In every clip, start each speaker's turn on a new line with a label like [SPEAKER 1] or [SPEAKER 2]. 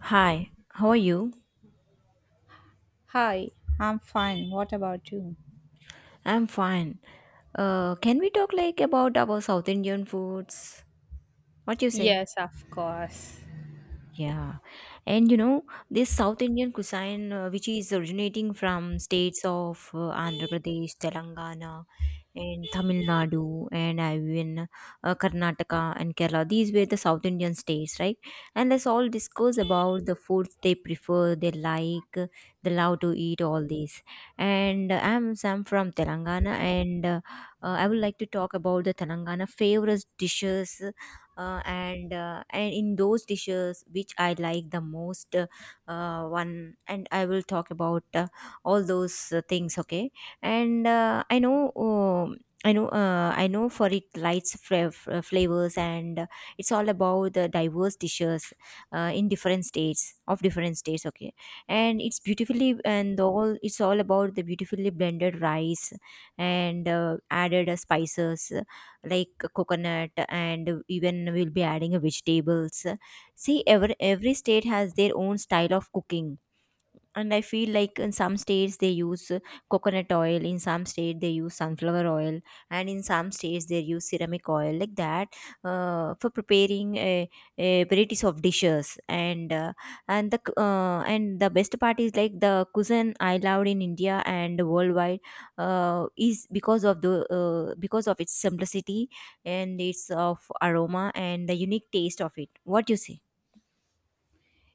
[SPEAKER 1] Hi, how are you?
[SPEAKER 2] Hi, I'm fine. What about you?
[SPEAKER 1] I'm fine. Can we talk like about our South Indian foods? What you say?
[SPEAKER 2] Yes, of course.
[SPEAKER 1] Yeah. And you know, this South Indian cuisine, which is originating from states of Andhra Pradesh, Telangana, and Tamil Nadu, and even Karnataka and Kerala, these were the South Indian states, right? And let's all discuss about the foods they prefer, they like, they love to eat, all this. And I'm Sam from Telangana, and I would like to talk about the Telangana favorite dishes and in those dishes which I like the most, one and I will talk about all those things. Okay, and I know. I know, I know for it lights flavors and it's all about the diverse dishes in different states of different states. Okay, and it's beautifully and all it's all about the beautifully blended rice and added spices like coconut and even we'll be adding a vegetables. See, every state has their own style of cooking, and I feel like in some states they use coconut oil, in some state they use sunflower oil, and in some states they use ceramic oil like that for preparing a varieties of dishes. And and the best part is like the cuisine I loved in India and worldwide is because of the because of its simplicity and its of aroma and the unique taste of it. What do you say?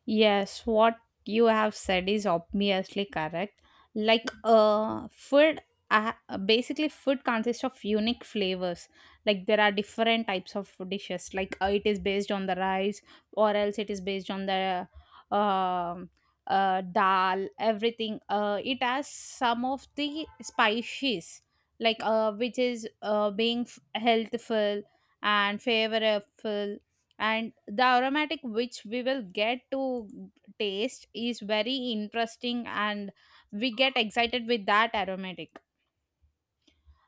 [SPEAKER 2] Yes, what you have said is obviously correct. Like, uh, basically, food consists of unique flavors. Like, there are different types of dishes. Like, it is based on the rice, or else it is based on the um dal, everything. It has some of the spices, like, which is being healthful and favorable, and the aromatic which we will get to taste is very interesting, and we get excited with that aromatic.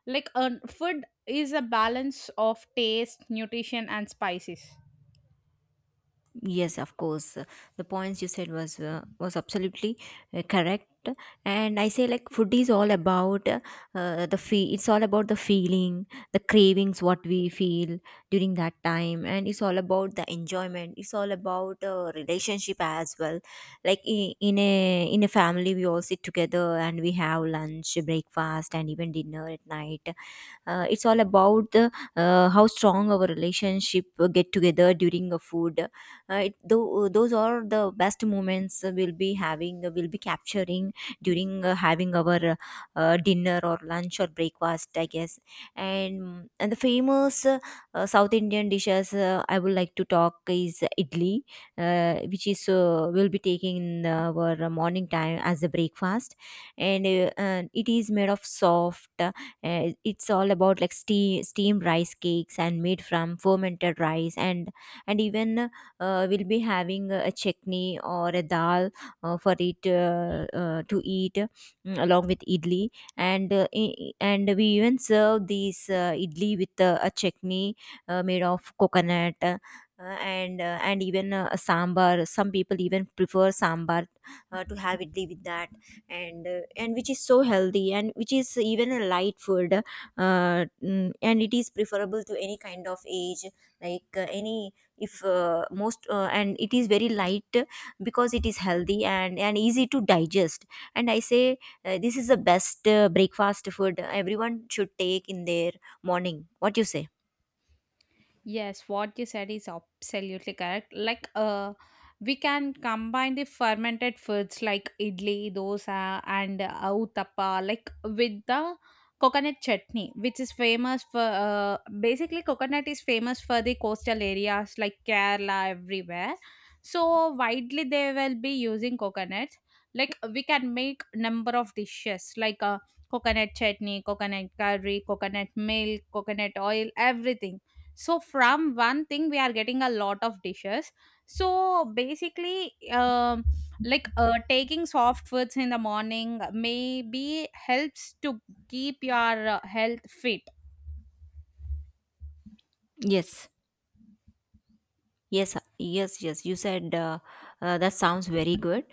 [SPEAKER 2] Like, food is a balance of taste, nutrition, and spices.
[SPEAKER 1] Yes, of course. The points you said was absolutely correct. And I say like food is all about the feel. It's all about the feeling, the cravings, what we feel during that time, and it's all about the enjoyment. It's all about relationship as well. Like in a family, we all sit together and we have lunch, breakfast, and even dinner at night. It's all about the, how strong our relationship get together during a food. Those are the best moments we'll be having, we'll be capturing during having our dinner or lunch or breakfast, I guess. And and the famous South Indian dishes I would like to talk is idli, which is will be taking in our morning time as a breakfast. And, and it is made of soft, it's all about like steam rice cakes and made from fermented rice. And even we'll be having a chutney or a dal for it to eat along with idli. And and we even serve these idli with a chutney made of coconut, and even a sambar. Some people even prefer sambar to have idli with that. And and which is so healthy and which is even a light food, and it is preferable to any kind of age, like any if most and it is very light because it is healthy and easy to digest. And I say this is the best breakfast food everyone should take in their morning. What you say?
[SPEAKER 2] Yes, what you said is absolutely correct. Like, we can combine the fermented foods like idli, dosa, and uttappa, like with the coconut chutney, which is famous for, basically coconut is famous for the coastal areas like Kerala everywhere. So widely they will be using coconut. Like, we can make number of dishes like coconut chutney, coconut curry, coconut milk, coconut oil, everything. So from one thing we are getting a lot of dishes. So basically, like, taking soft foods in the morning maybe helps to keep your health fit.
[SPEAKER 1] Yes, yes, yes, yes. You said that sounds very good.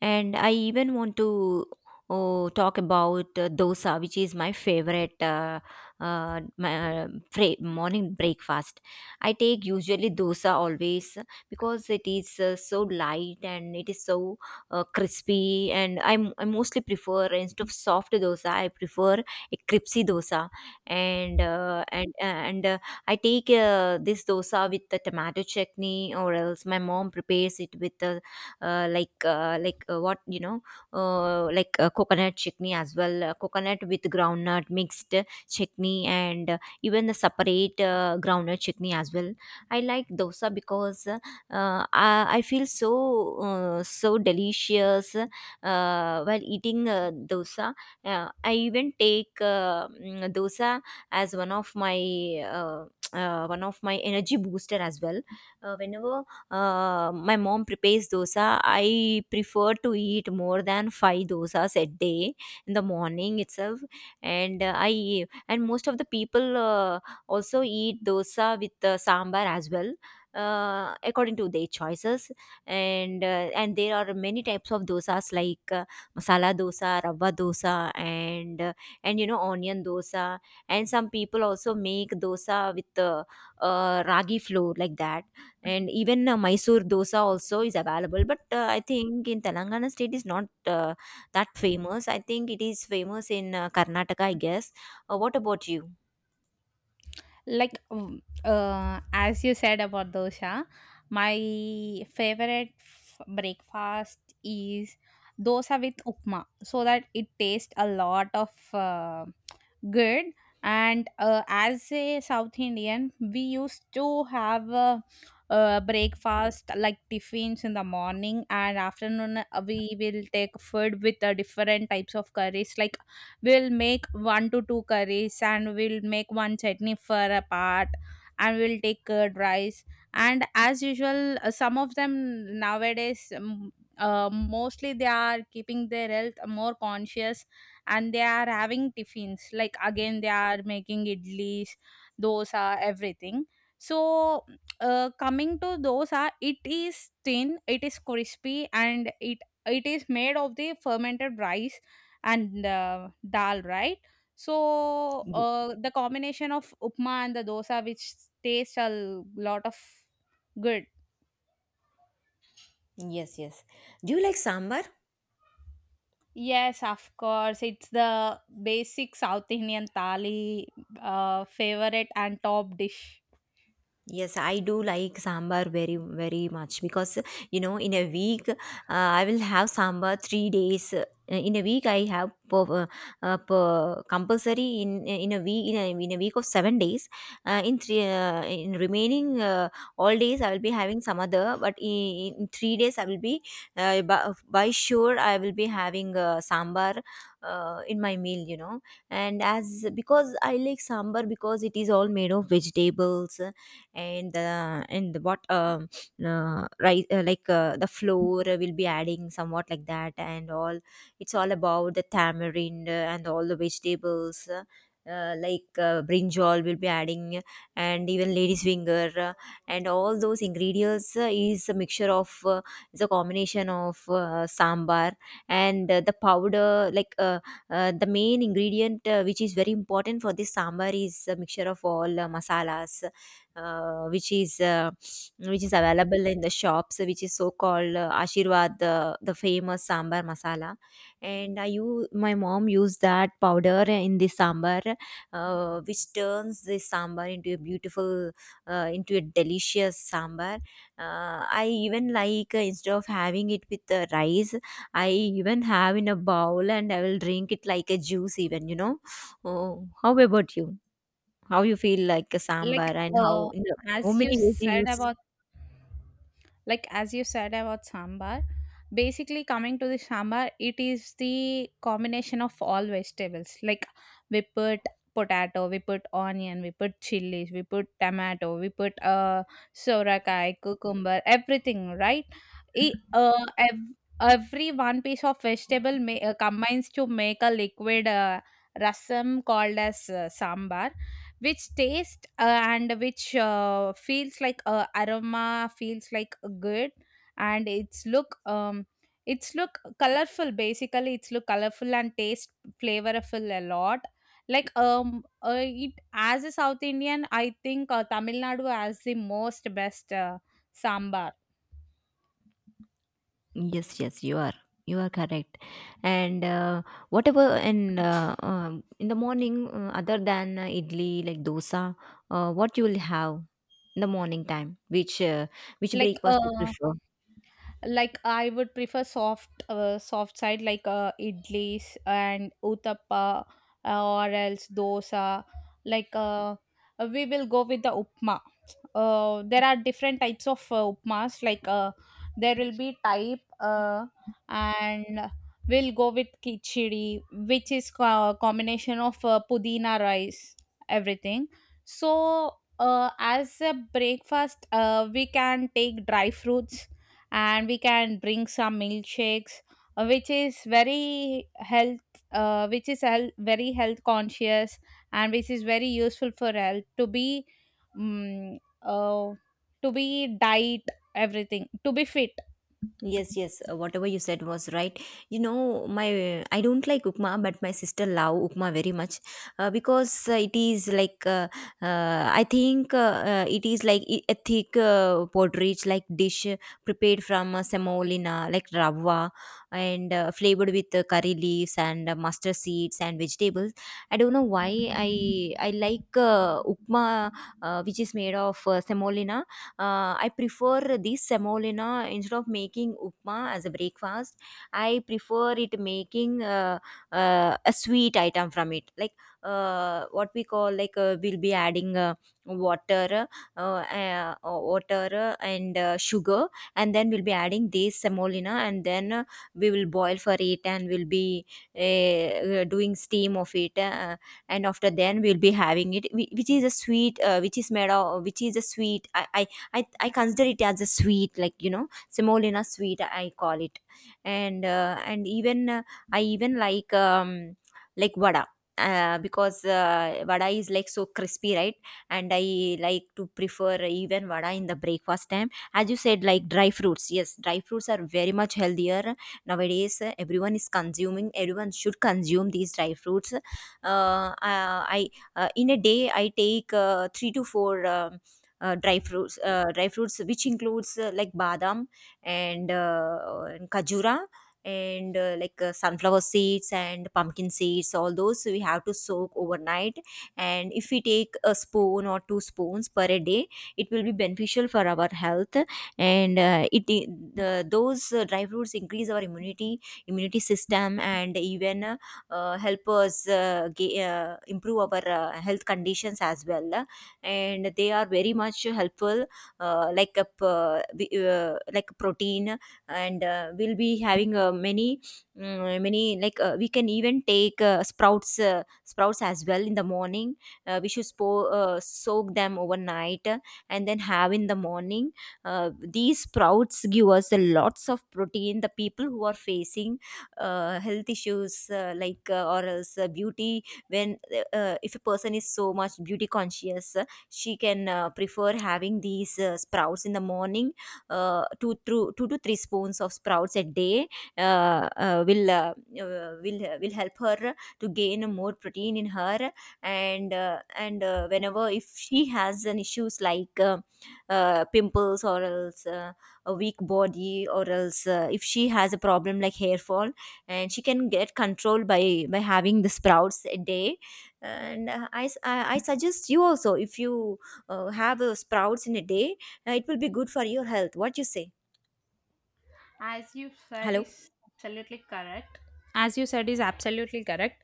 [SPEAKER 1] And I even want to oh, talk about dosa, which is my favorite morning breakfast. I take usually dosa always because it is so light and it is so crispy. And I mostly prefer, instead of soft dosa, I prefer a crispy dosa. And I take this dosa with the tomato chutney, or else my mom prepares it with the what you know, coconut chutney as well, coconut with groundnut mixed chutney, and even the separate groundnut chutney as well. I like dosa because I feel so so delicious while eating dosa. I even take dosa as uh, one of my energy booster as well whenever my mom prepares dosa. I prefer to eat more than five dosas a day in the morning itself. And I and most of the people also eat dosa with sambar as well according to their choices. And and there are many types of dosas, like masala dosa, rava dosa, and uh, and you know onion dosa. And some people also make dosa with ragi flour like that. And even mysore dosa also is available, but I think in Telangana state is not uh, that famous. I think it is famous in Karnataka, I guess. What about you?
[SPEAKER 2] Like, as you said about dosha, my favorite breakfast is dosa with upma, so that it tastes a lot of good. And as a South Indian, we used to have a breakfast like tiffins in the morning, and afternoon we will take food with different types of curries, like we'll make one to two curries, and we'll make one chutney for a part, and we'll take curd rice. And as usual, some of them nowadays, mostly they are keeping their health more conscious, and they are having tiffins, like again they are making idlis, dosa, everything. So coming to dosa, it is thin, it is crispy, and it is made of the fermented rice and dal, right? So
[SPEAKER 1] Ye-
[SPEAKER 2] the combination of upma and the dosa, which tastes a lot of good.
[SPEAKER 1] Yes, yes. Do you like sambar?
[SPEAKER 2] Yes, of course. It's the basic South Indian thali favorite and top dish.
[SPEAKER 1] Yes, I do like sambar very, very much because you know, in a week, I will have sambar 3 days. In a week, I have per, per compulsory in a week of 7 days. In three in remaining all days, I will be having some other. But in 3 days, I will be uh, by, by sure I will be having sambar in my meal. You know, and as because I like sambar because it is all made of vegetables. And and what right like the flour will be adding somewhat like that and all. It's all about the tamarind and all the vegetables, brinjal will be adding, and even lady's finger, and all those ingredients is a mixture of, is a combination of sambar. And the powder like the main ingredient which is very important for this sambar is a mixture of all masalas, uh, which is uh, which is available in the shops, which is so called Ashirwad, the famous sambar masala. And I use, my mom used that powder in the sambar, which turns the sambar into a beautiful, into a delicious sambar. I even like instead of having it with the rice, I even have in a bowl and I will drink it like a juice. Even you know, oh, how about you? How you feel like a sambar
[SPEAKER 2] like
[SPEAKER 1] and how
[SPEAKER 2] uh,
[SPEAKER 1] in the how
[SPEAKER 2] as you
[SPEAKER 1] many ways you
[SPEAKER 2] said
[SPEAKER 1] use?
[SPEAKER 2] about like, as you said about sambar, basically coming to the sambar, it is the combination of all vegetables, like we put potato, we put onion, we put chilies, we put tomato, we put sorakai, cucumber, everything, right? E- uh, ev- every one piece of vegetable may combines to make a liquid rasam called as sambar, which taste, and which feels like aroma, feels like good. And its look, its look colorful, basically its look colorful and taste flavorful a lot. Like, it, as a South Indian, I think Tamil Nadu has the most best sambar.
[SPEAKER 1] Yes, yes, you are. You are correct. And whatever, and in the morning, other than idli, like dosa, what you will have in the morning time? Which
[SPEAKER 2] like
[SPEAKER 1] breakfast you
[SPEAKER 2] uh,
[SPEAKER 1] prefer?
[SPEAKER 2] like, I would prefer soft side, like idlis and uttappa, or else dosa. Like, we will go with the upma. There are different types of upmas, like there will be type, and we'll go with kichdi, which is combination of pudina rice, everything. So as a breakfast, we can take dry fruits, and we can drink some milkshakes, which is very health, which is health, very health conscious, and which is very useful for health um, uh, to be diet, everything, to be fit.
[SPEAKER 1] Yes, yes, whatever you said was right. You know, my I don't like upma, but my sister love upma very much because it is like I think it is like I- a thick porridge like dish prepared from semolina like rava and flavored with curry leaves and mustard seeds and vegetables. I don't know why I like upma which is made of semolina. I prefer this semolina instead of making upma as a breakfast. I prefer it making a sweet item from it, like what we call, like we'll be adding water, water and sugar, and then we'll be adding this semolina, and then we will boil for it, and we'll be doing steam of it. And after then we'll be having it which is a sweet which is made of, which is a sweet. I consider it as a sweet, like you know, semolina sweet, I call it. And and even I even like vada. Because vada is like so crispy, right? And I like to prefer even vada in the breakfast time. As you said, like dry fruits, yes, dry fruits are very much healthier nowadays. Everyone is consuming everyone should consume these dry fruits. I, in a day I take 3 to 4 dry fruits, dry fruits, which includes like badam and khajura and sunflower seeds and pumpkin seeds. All those we have to soak overnight, and if we take a spoon or two spoons per a day, it will be beneficial for our health. And uh, it the, those uh, dry fruits increase our immunity system, and even help us improve our health conditions as well. And they are very much helpful, like protein. And we'll be having many, many, like we can even take sprouts as well in the morning. We should soak them overnight and then have in the morning. These sprouts give us a lots of protein. The people who are facing health issues, or else beauty, when if a person is so much beauty conscious, she can prefer having these sprouts in the morning. Two to three spoons of sprouts a day uh, uh, will uh, will help her to gain more protein in her. And whenever if she has an issues like pimples, or else a weak body, or else if she has a problem like hair fall, and she can get control by having the sprouts a day. And I suggest you also, if you have sprouts in a day, it will be good for your health. What you say?
[SPEAKER 2] As you said,
[SPEAKER 1] Hello.
[SPEAKER 2] is absolutely correct. As you said, is absolutely correct.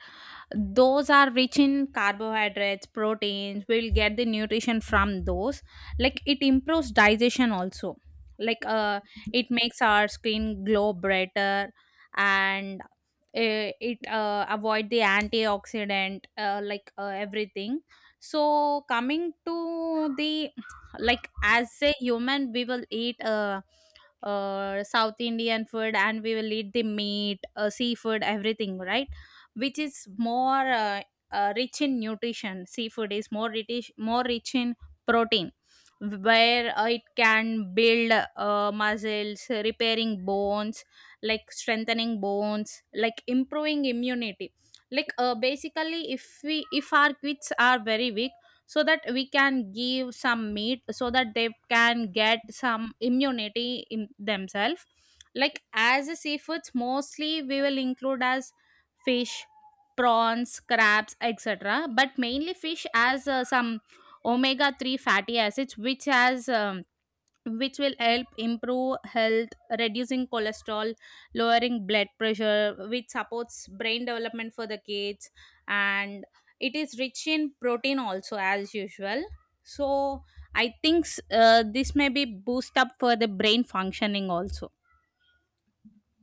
[SPEAKER 2] Those are rich in carbohydrates, proteins. We'll get the nutrition from those. Like, it improves digestion also. Like, it makes our skin glow brighter. And it avoid the antioxidant, like, everything. So coming to the, like, as a human, we will eat South Indian food, and we will eat the meat, seafood, everything, right? Which is more rich in nutrition. Seafood is more rich in protein, where it can build muscles, repairing bones, like strengthening bones, like improving immunity. Like, basically, if our kids are very weak, so that we can give some meat, so that they can get some immunity in themselves. Like, as a seafoods, mostly we will include as fish, prawns, crabs, etc. But mainly fish has some omega-3 fatty acids, which has, which will help improve health, reducing cholesterol, lowering blood pressure, which supports brain development for the kids, and it is rich in protein also, as usual. So I think, this may be boost up for the brain functioning also.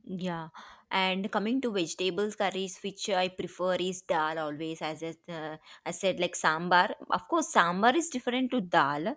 [SPEAKER 1] Yeah, and coming to vegetables curries, which I prefer is dal always. As I said, like sambar. Of course, sambar is different to dal.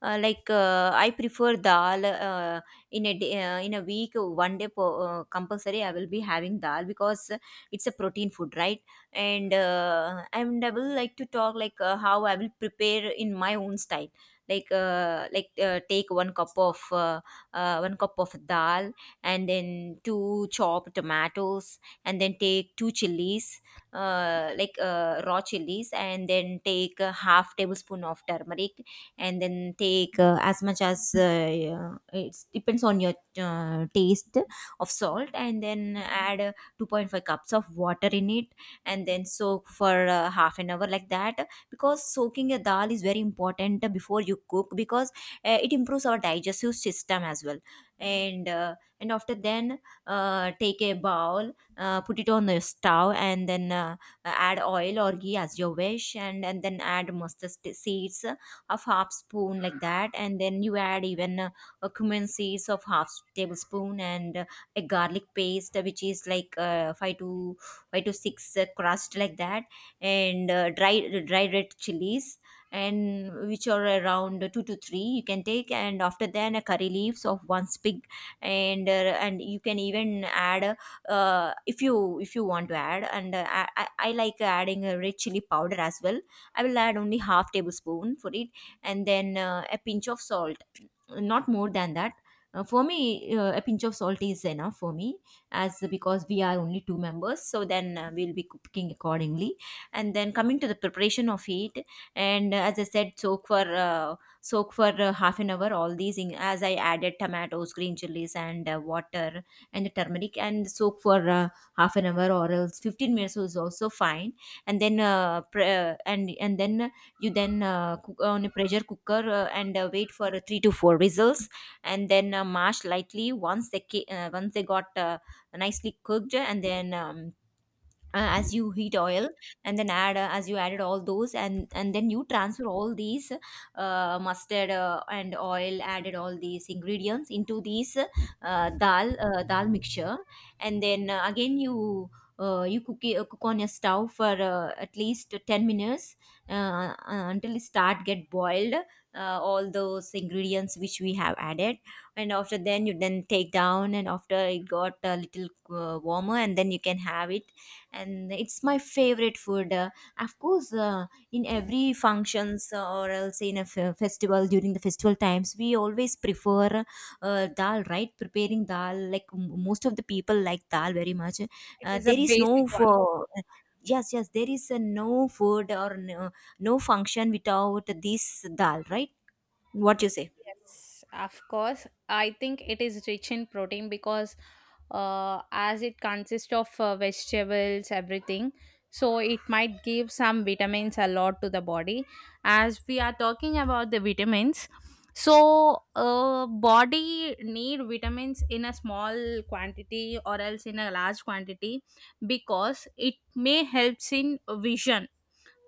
[SPEAKER 1] I prefer dal in a week, one day compulsory. I will be having dal because it's a protein food, right? And and I will like to talk like how I will prepare in my own style. Take one cup of dal and then two chopped tomatoes and then take two chilies, raw chilies, and then take a half tablespoon of turmeric and then take as much as, yeah, it depends on your taste of salt, and then add 2.5 cups of water in it and then soak for half an hour like that, because soaking a dal is very important before you cook, because it improves our digestive system as well. And uh, and after then uh, take a bowl, put it on the stove, and then add oil or ghee as you wish, and then add seeds of half spoon like that, and then you add even a cumin seeds of half tablespoon, and a garlic paste, which is like 5 to 6, crust like that, and dry red chilies, and which are around two to three you can take, and after then a curry leaves of one sprig. And and you can even add, if you want to add. And I like adding a red chili powder as well. I will add only half tablespoon for it, and then a pinch of salt, not more than that. For me, a pinch of salt is enough for me, as because we are only two members, so then we'll be cooking accordingly. And then coming to the preparation of it, and as I said, soak for half an hour. All these, in, as I added tomatoes, green chilies, and water and the turmeric, and soak for half an hour or else 15 minutes is also fine. And then pre- and then you then cook on a pressure cooker, and wait for 3 to 4 whistles, and then mash lightly once they once they got nicely cooked, and then as you heat oil and then add, as you added all those, and then you transfer all these mustard and oil added all these ingredients into these dal mixture, and then again you cook on your stove for at least 10 minutes, uh, uh, until it start get boiled, all those ingredients which we have added. And after then you then take down, and after it got a little warmer, and then you can have it. And it's my favorite food. Of course In every functions or else in a festival, during the festival times, we always prefer dal, right? Preparing dal, like most of the people like dal very much.
[SPEAKER 2] It is a
[SPEAKER 1] There is
[SPEAKER 2] basic
[SPEAKER 1] no
[SPEAKER 2] one.
[SPEAKER 1] for Yes, yes, there is no food or no, no function without this dal, right? What you say?
[SPEAKER 2] Yes, of course. I think it is rich in protein, because as it consists of vegetables, everything, so it might give some vitamins a lot to the body. As we are talking about the vitamins, so body need vitamins in a small quantity or else in a large quantity, because it may helps in vision,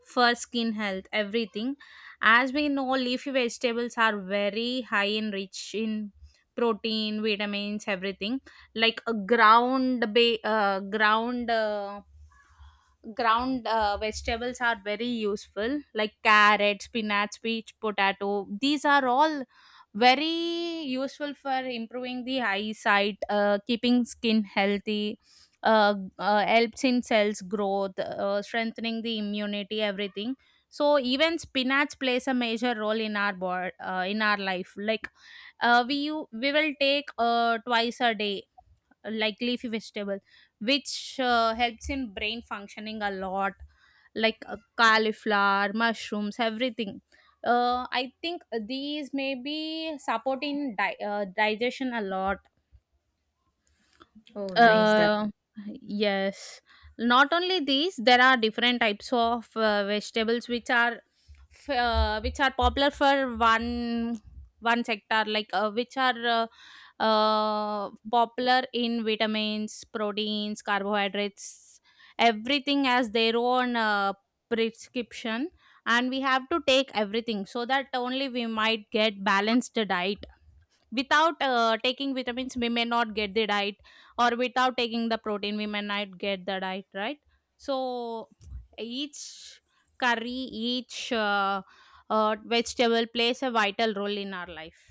[SPEAKER 2] for skin health, everything. As we know, leafy vegetables are very high and rich in protein, vitamins, everything. Like a ground, ba- ground. Ground vegetables are very useful, like carrot, spinach, peach, potato. These are all very useful for improving the eyesight, keeping skin healthy, helps in cells growth, strengthening the immunity, everything. So even spinach plays a major role in our life. Like, we we will take twice a day, like leafy vegetable, which helps in brain functioning a lot, like cauliflower, mushrooms, everything. I think these may be support in digestion a lot.
[SPEAKER 1] Oh, nice.
[SPEAKER 2] uh, yes. Not only these, there are different types of vegetables which are popular for one sector, like which are popular in vitamins, proteins, carbohydrates. Everything has their own prescription, and we have to take everything so that only we might get balanced diet. Without taking vitamins, we may not get the diet, or without taking the protein we may not get the diet, right? So each curry, each vegetable plays a vital role in our life.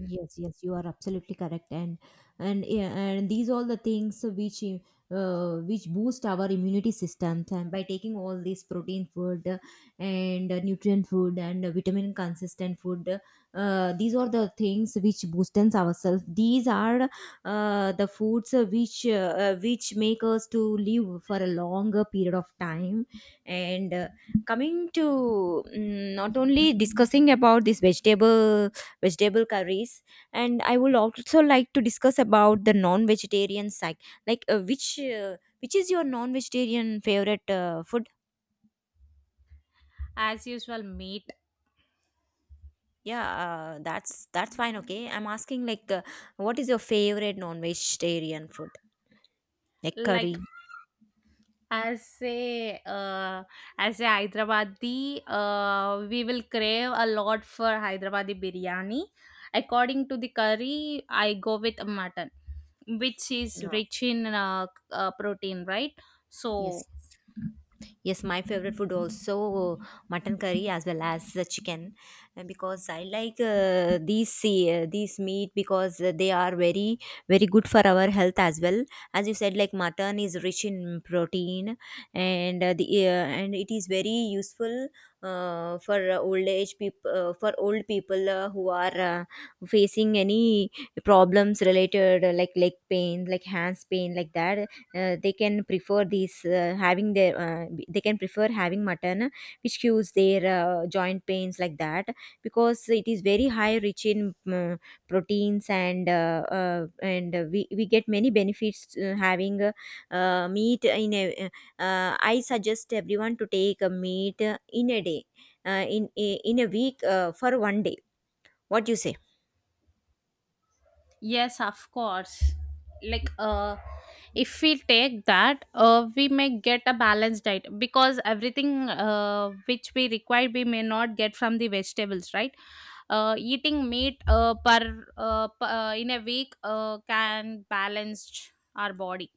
[SPEAKER 1] Yes, you are absolutely correct. And these all the things which boost our immunity system, and by taking all this protein food, and nutrient food, and vitamin consistent food. These are the things which boostens ourselves. These are the foods which make us to live for a longer period of time. And coming to, not only discussing about this vegetable curries, and I would also like to discuss about the non-vegetarian side. like uh, which uh, which is your non-vegetarian favorite food?
[SPEAKER 2] As usual, meat.
[SPEAKER 1] That's fine, okay. I'm asking like, what is your favorite non-vegetarian food, like
[SPEAKER 2] Like,
[SPEAKER 1] curry?
[SPEAKER 2] as a, as a Hyderabadi, we will crave a lot for Hyderabadi biryani. According to the curry, I go with mutton, which is
[SPEAKER 1] Yeah.
[SPEAKER 2] rich in protein, right? So,
[SPEAKER 1] Yes. Yes, my favorite food also, mutton curry as well as the chicken, because I like these meat, because they are very very good for our health as well. As you said, like mutton is rich in protein. And it is very useful for old people who are facing any problems related, like leg pain, like hands pain, like that. Uh, they can prefer these having their They can prefer having mutton, which cures their joint pains like that, because it is very high rich in proteins. And we get many benefits having meat in a, I suggest everyone to take a meat in a week for one day. What do you say?
[SPEAKER 2] yes, of course. Like, if we take that, we may get a balanced diet, because everything which we require, we may not get from the vegetables, right? Eating meat, per, per in a week, can balance our body.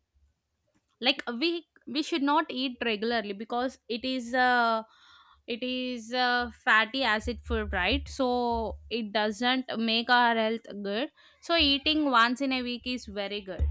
[SPEAKER 2] Like, we should not eat regularly, because it is fatty acid food, right? So it doesn't make our health good. So eating once in a week is very good.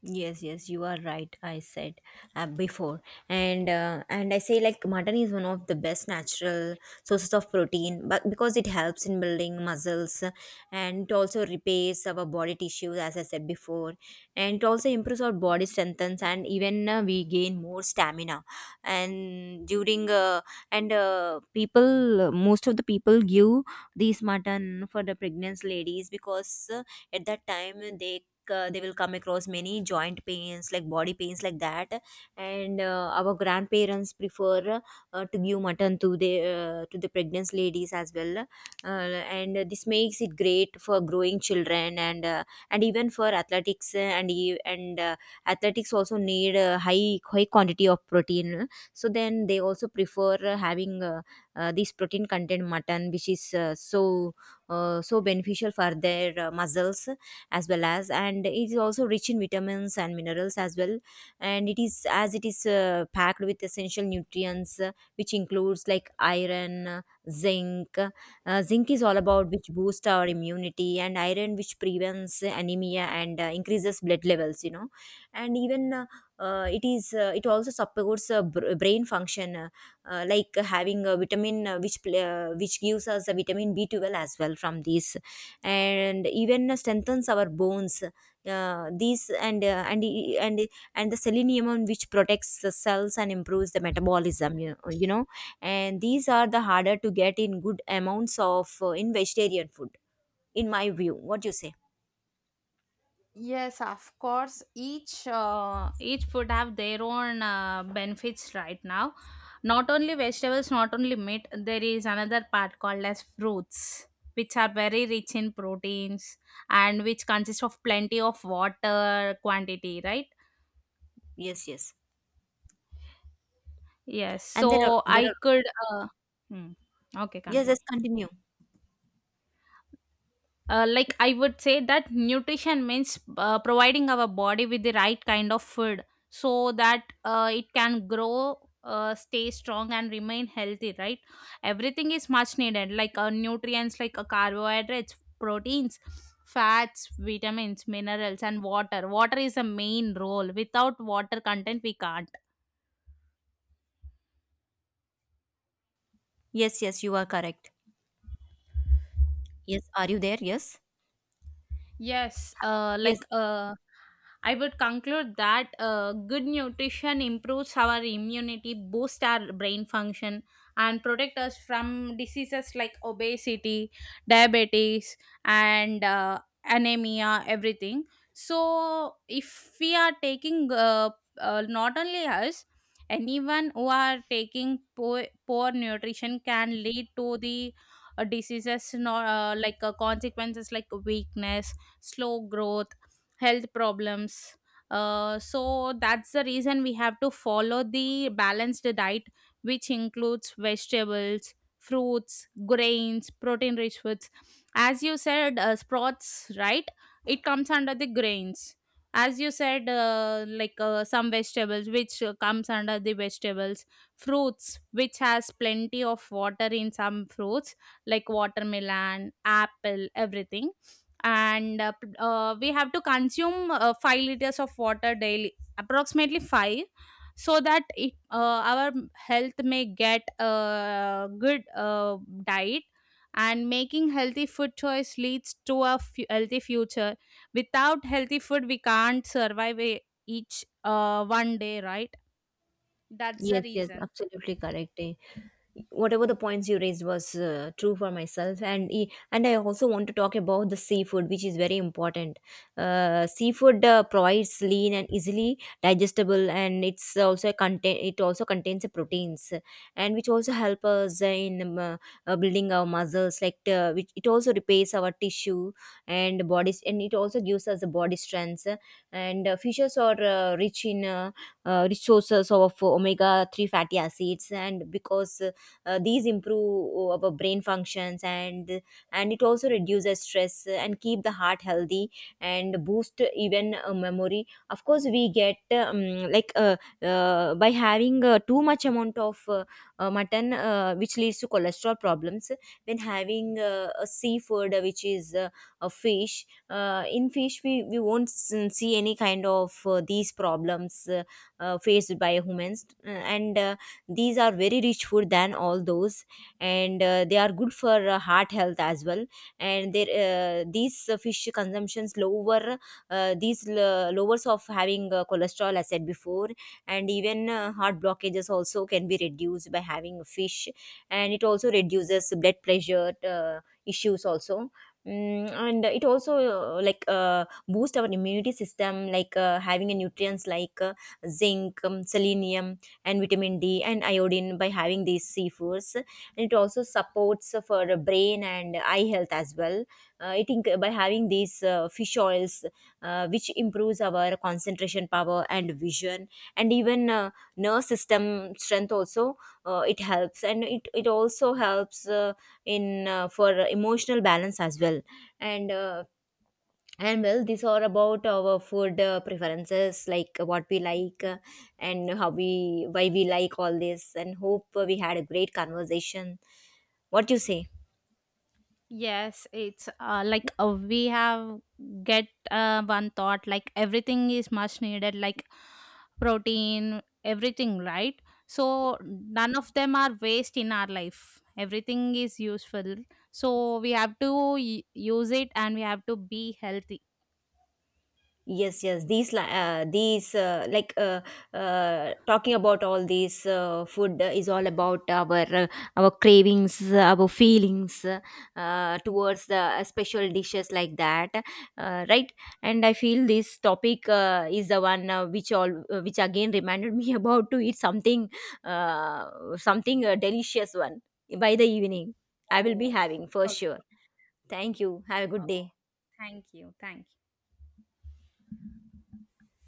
[SPEAKER 1] Yes, yes, you are right. I said before, and I say, like, mutton is one of the best natural sources of protein, but because it helps in building muscles, and it also repairs our body tissues, as I said before, and it also improves our body strengthens, and even we gain more stamina. And during uh, and most of the people give these mutton for the pregnant ladies, because at that time they, they will come across many joint pains, like body pains, like that. And our grandparents prefer to give mutton to the pregnant ladies as well, and this makes it great for growing children, and even for athletics. And e- and Athletics also need a high quantity of protein, so then they also prefer having, this protein content mutton, which is so so beneficial for their muscles, as well as, and it is also rich in vitamins and minerals as well. And it is, as it is packed with essential nutrients, which includes like iron, zinc is all about which boosts our immunity, and iron which prevents anemia and increases blood levels, you know. And even uh, uh, it is uh, it also supports brain function, like having a vitamin, which gives us a vitamin B12 as well from these, and even strengthens our bones, these and e- and and the selenium on which protects the cells and improves the metabolism, you know, and these are the harder to get in good amounts of, in vegetarian food, in my view. What do you say?
[SPEAKER 2] Yes, of course. Each food have their own benefits right now. Not only vegetables, not only meat, there is another part called as fruits, which are very rich in proteins, and which consist of plenty of water quantity, right?
[SPEAKER 1] Yes, yes.
[SPEAKER 2] Yes,
[SPEAKER 1] And there are,
[SPEAKER 2] so
[SPEAKER 1] there are,
[SPEAKER 2] I could. Uh, hmm. Okay,
[SPEAKER 1] yes,
[SPEAKER 2] continue.
[SPEAKER 1] yes, continue.
[SPEAKER 2] Like, I would say that nutrition means, providing our body with the right kind of food, so that it can grow, stay strong, and remain healthy. Right, everything is much needed, like nutrients, like carbohydrates, proteins, fats, vitamins, minerals, and water. Water is a main role. Without water content, we can't.
[SPEAKER 1] Yes, yes, you are correct. Yes, are you there? Yes.
[SPEAKER 2] Yes,
[SPEAKER 1] Yes,
[SPEAKER 2] like, I would conclude that, good nutrition improves our immunity, boosts our brain function, and protect us from diseases like obesity, diabetes, and anemia, everything. So, if we are taking, not only us, anyone who are taking poor nutrition can lead to the diseases, not, like, consequences like weakness, slow growth, health problems. So that's the reason we have to follow the balanced diet, which includes vegetables, fruits, grains, protein rich foods. As you said, sprouts, right? It comes under the grains. As you said, like, some vegetables, which comes under the vegetables, fruits, which has plenty of water in some fruits, like watermelon, apple, everything. And we have to consume 5 liters of water daily, approximately 5, so that it, our health may get a good diet. And making healthy food choice leads to a healthy future. Without healthy food, we can't survive each one day, right? That's the
[SPEAKER 1] yes, yes,
[SPEAKER 2] reason.
[SPEAKER 1] absolutely correct, eh. Whatever the points you raised was true for myself, and I also want to talk about the seafood, which is very important. Seafood provides lean and easily digestible, and it also contains the proteins, and which also help us in building our muscles, like which it also repairs our tissue and bodies, and it also gives us the body strength. And fishes are rich in resources of omega 3 fatty acids, and because these improve our brain functions, and it also reduces stress and keep the heart healthy, and boost even memory, of course, we get, um, like uh, by having too much amount of mutton, which leads to cholesterol problems. When having a seafood, which is a fish, in fish we won't see any kind of these problems faced by humans. And These are very rich food than all those, and they are good for heart health as well. And there uh, these uh, fish consumptions lower, lowers of having cholesterol, as said before. And even heart blockages also can be reduced by having fish, and it also reduces blood pressure, issues also. And it also boost our immunity system, like having a nutrients like zinc, selenium, and vitamin D and iodine, by having these seafoods. And it also supports for the brain and eye health as well. By having these fish oils, which improves our concentration power and vision, and even nerve system strength also, it helps, and it also helps in for emotional balance as well. And and well, these are about our food preferences, like what we like, and how we why we like all this, and hope we had a great conversation. What do you say?
[SPEAKER 2] Yes, it's like, we have get one thought, like everything is much needed, like protein, everything, right? So none of them are waste in our life. Everything is useful. So we have to use it, and we have to be healthy.
[SPEAKER 1] Yes, yes. These, li- these, like, Talking about all these food is all about our cravings, our feelings towards the special dishes like that, right? And I feel this topic is the one, which all which again reminded me about to eat something, something delicious one by the evening. I will be
[SPEAKER 2] Oh.
[SPEAKER 1] having for
[SPEAKER 2] Oh.
[SPEAKER 1] sure. Thank you. Have a good
[SPEAKER 2] Oh.
[SPEAKER 1] day.
[SPEAKER 2] Thank you. Thank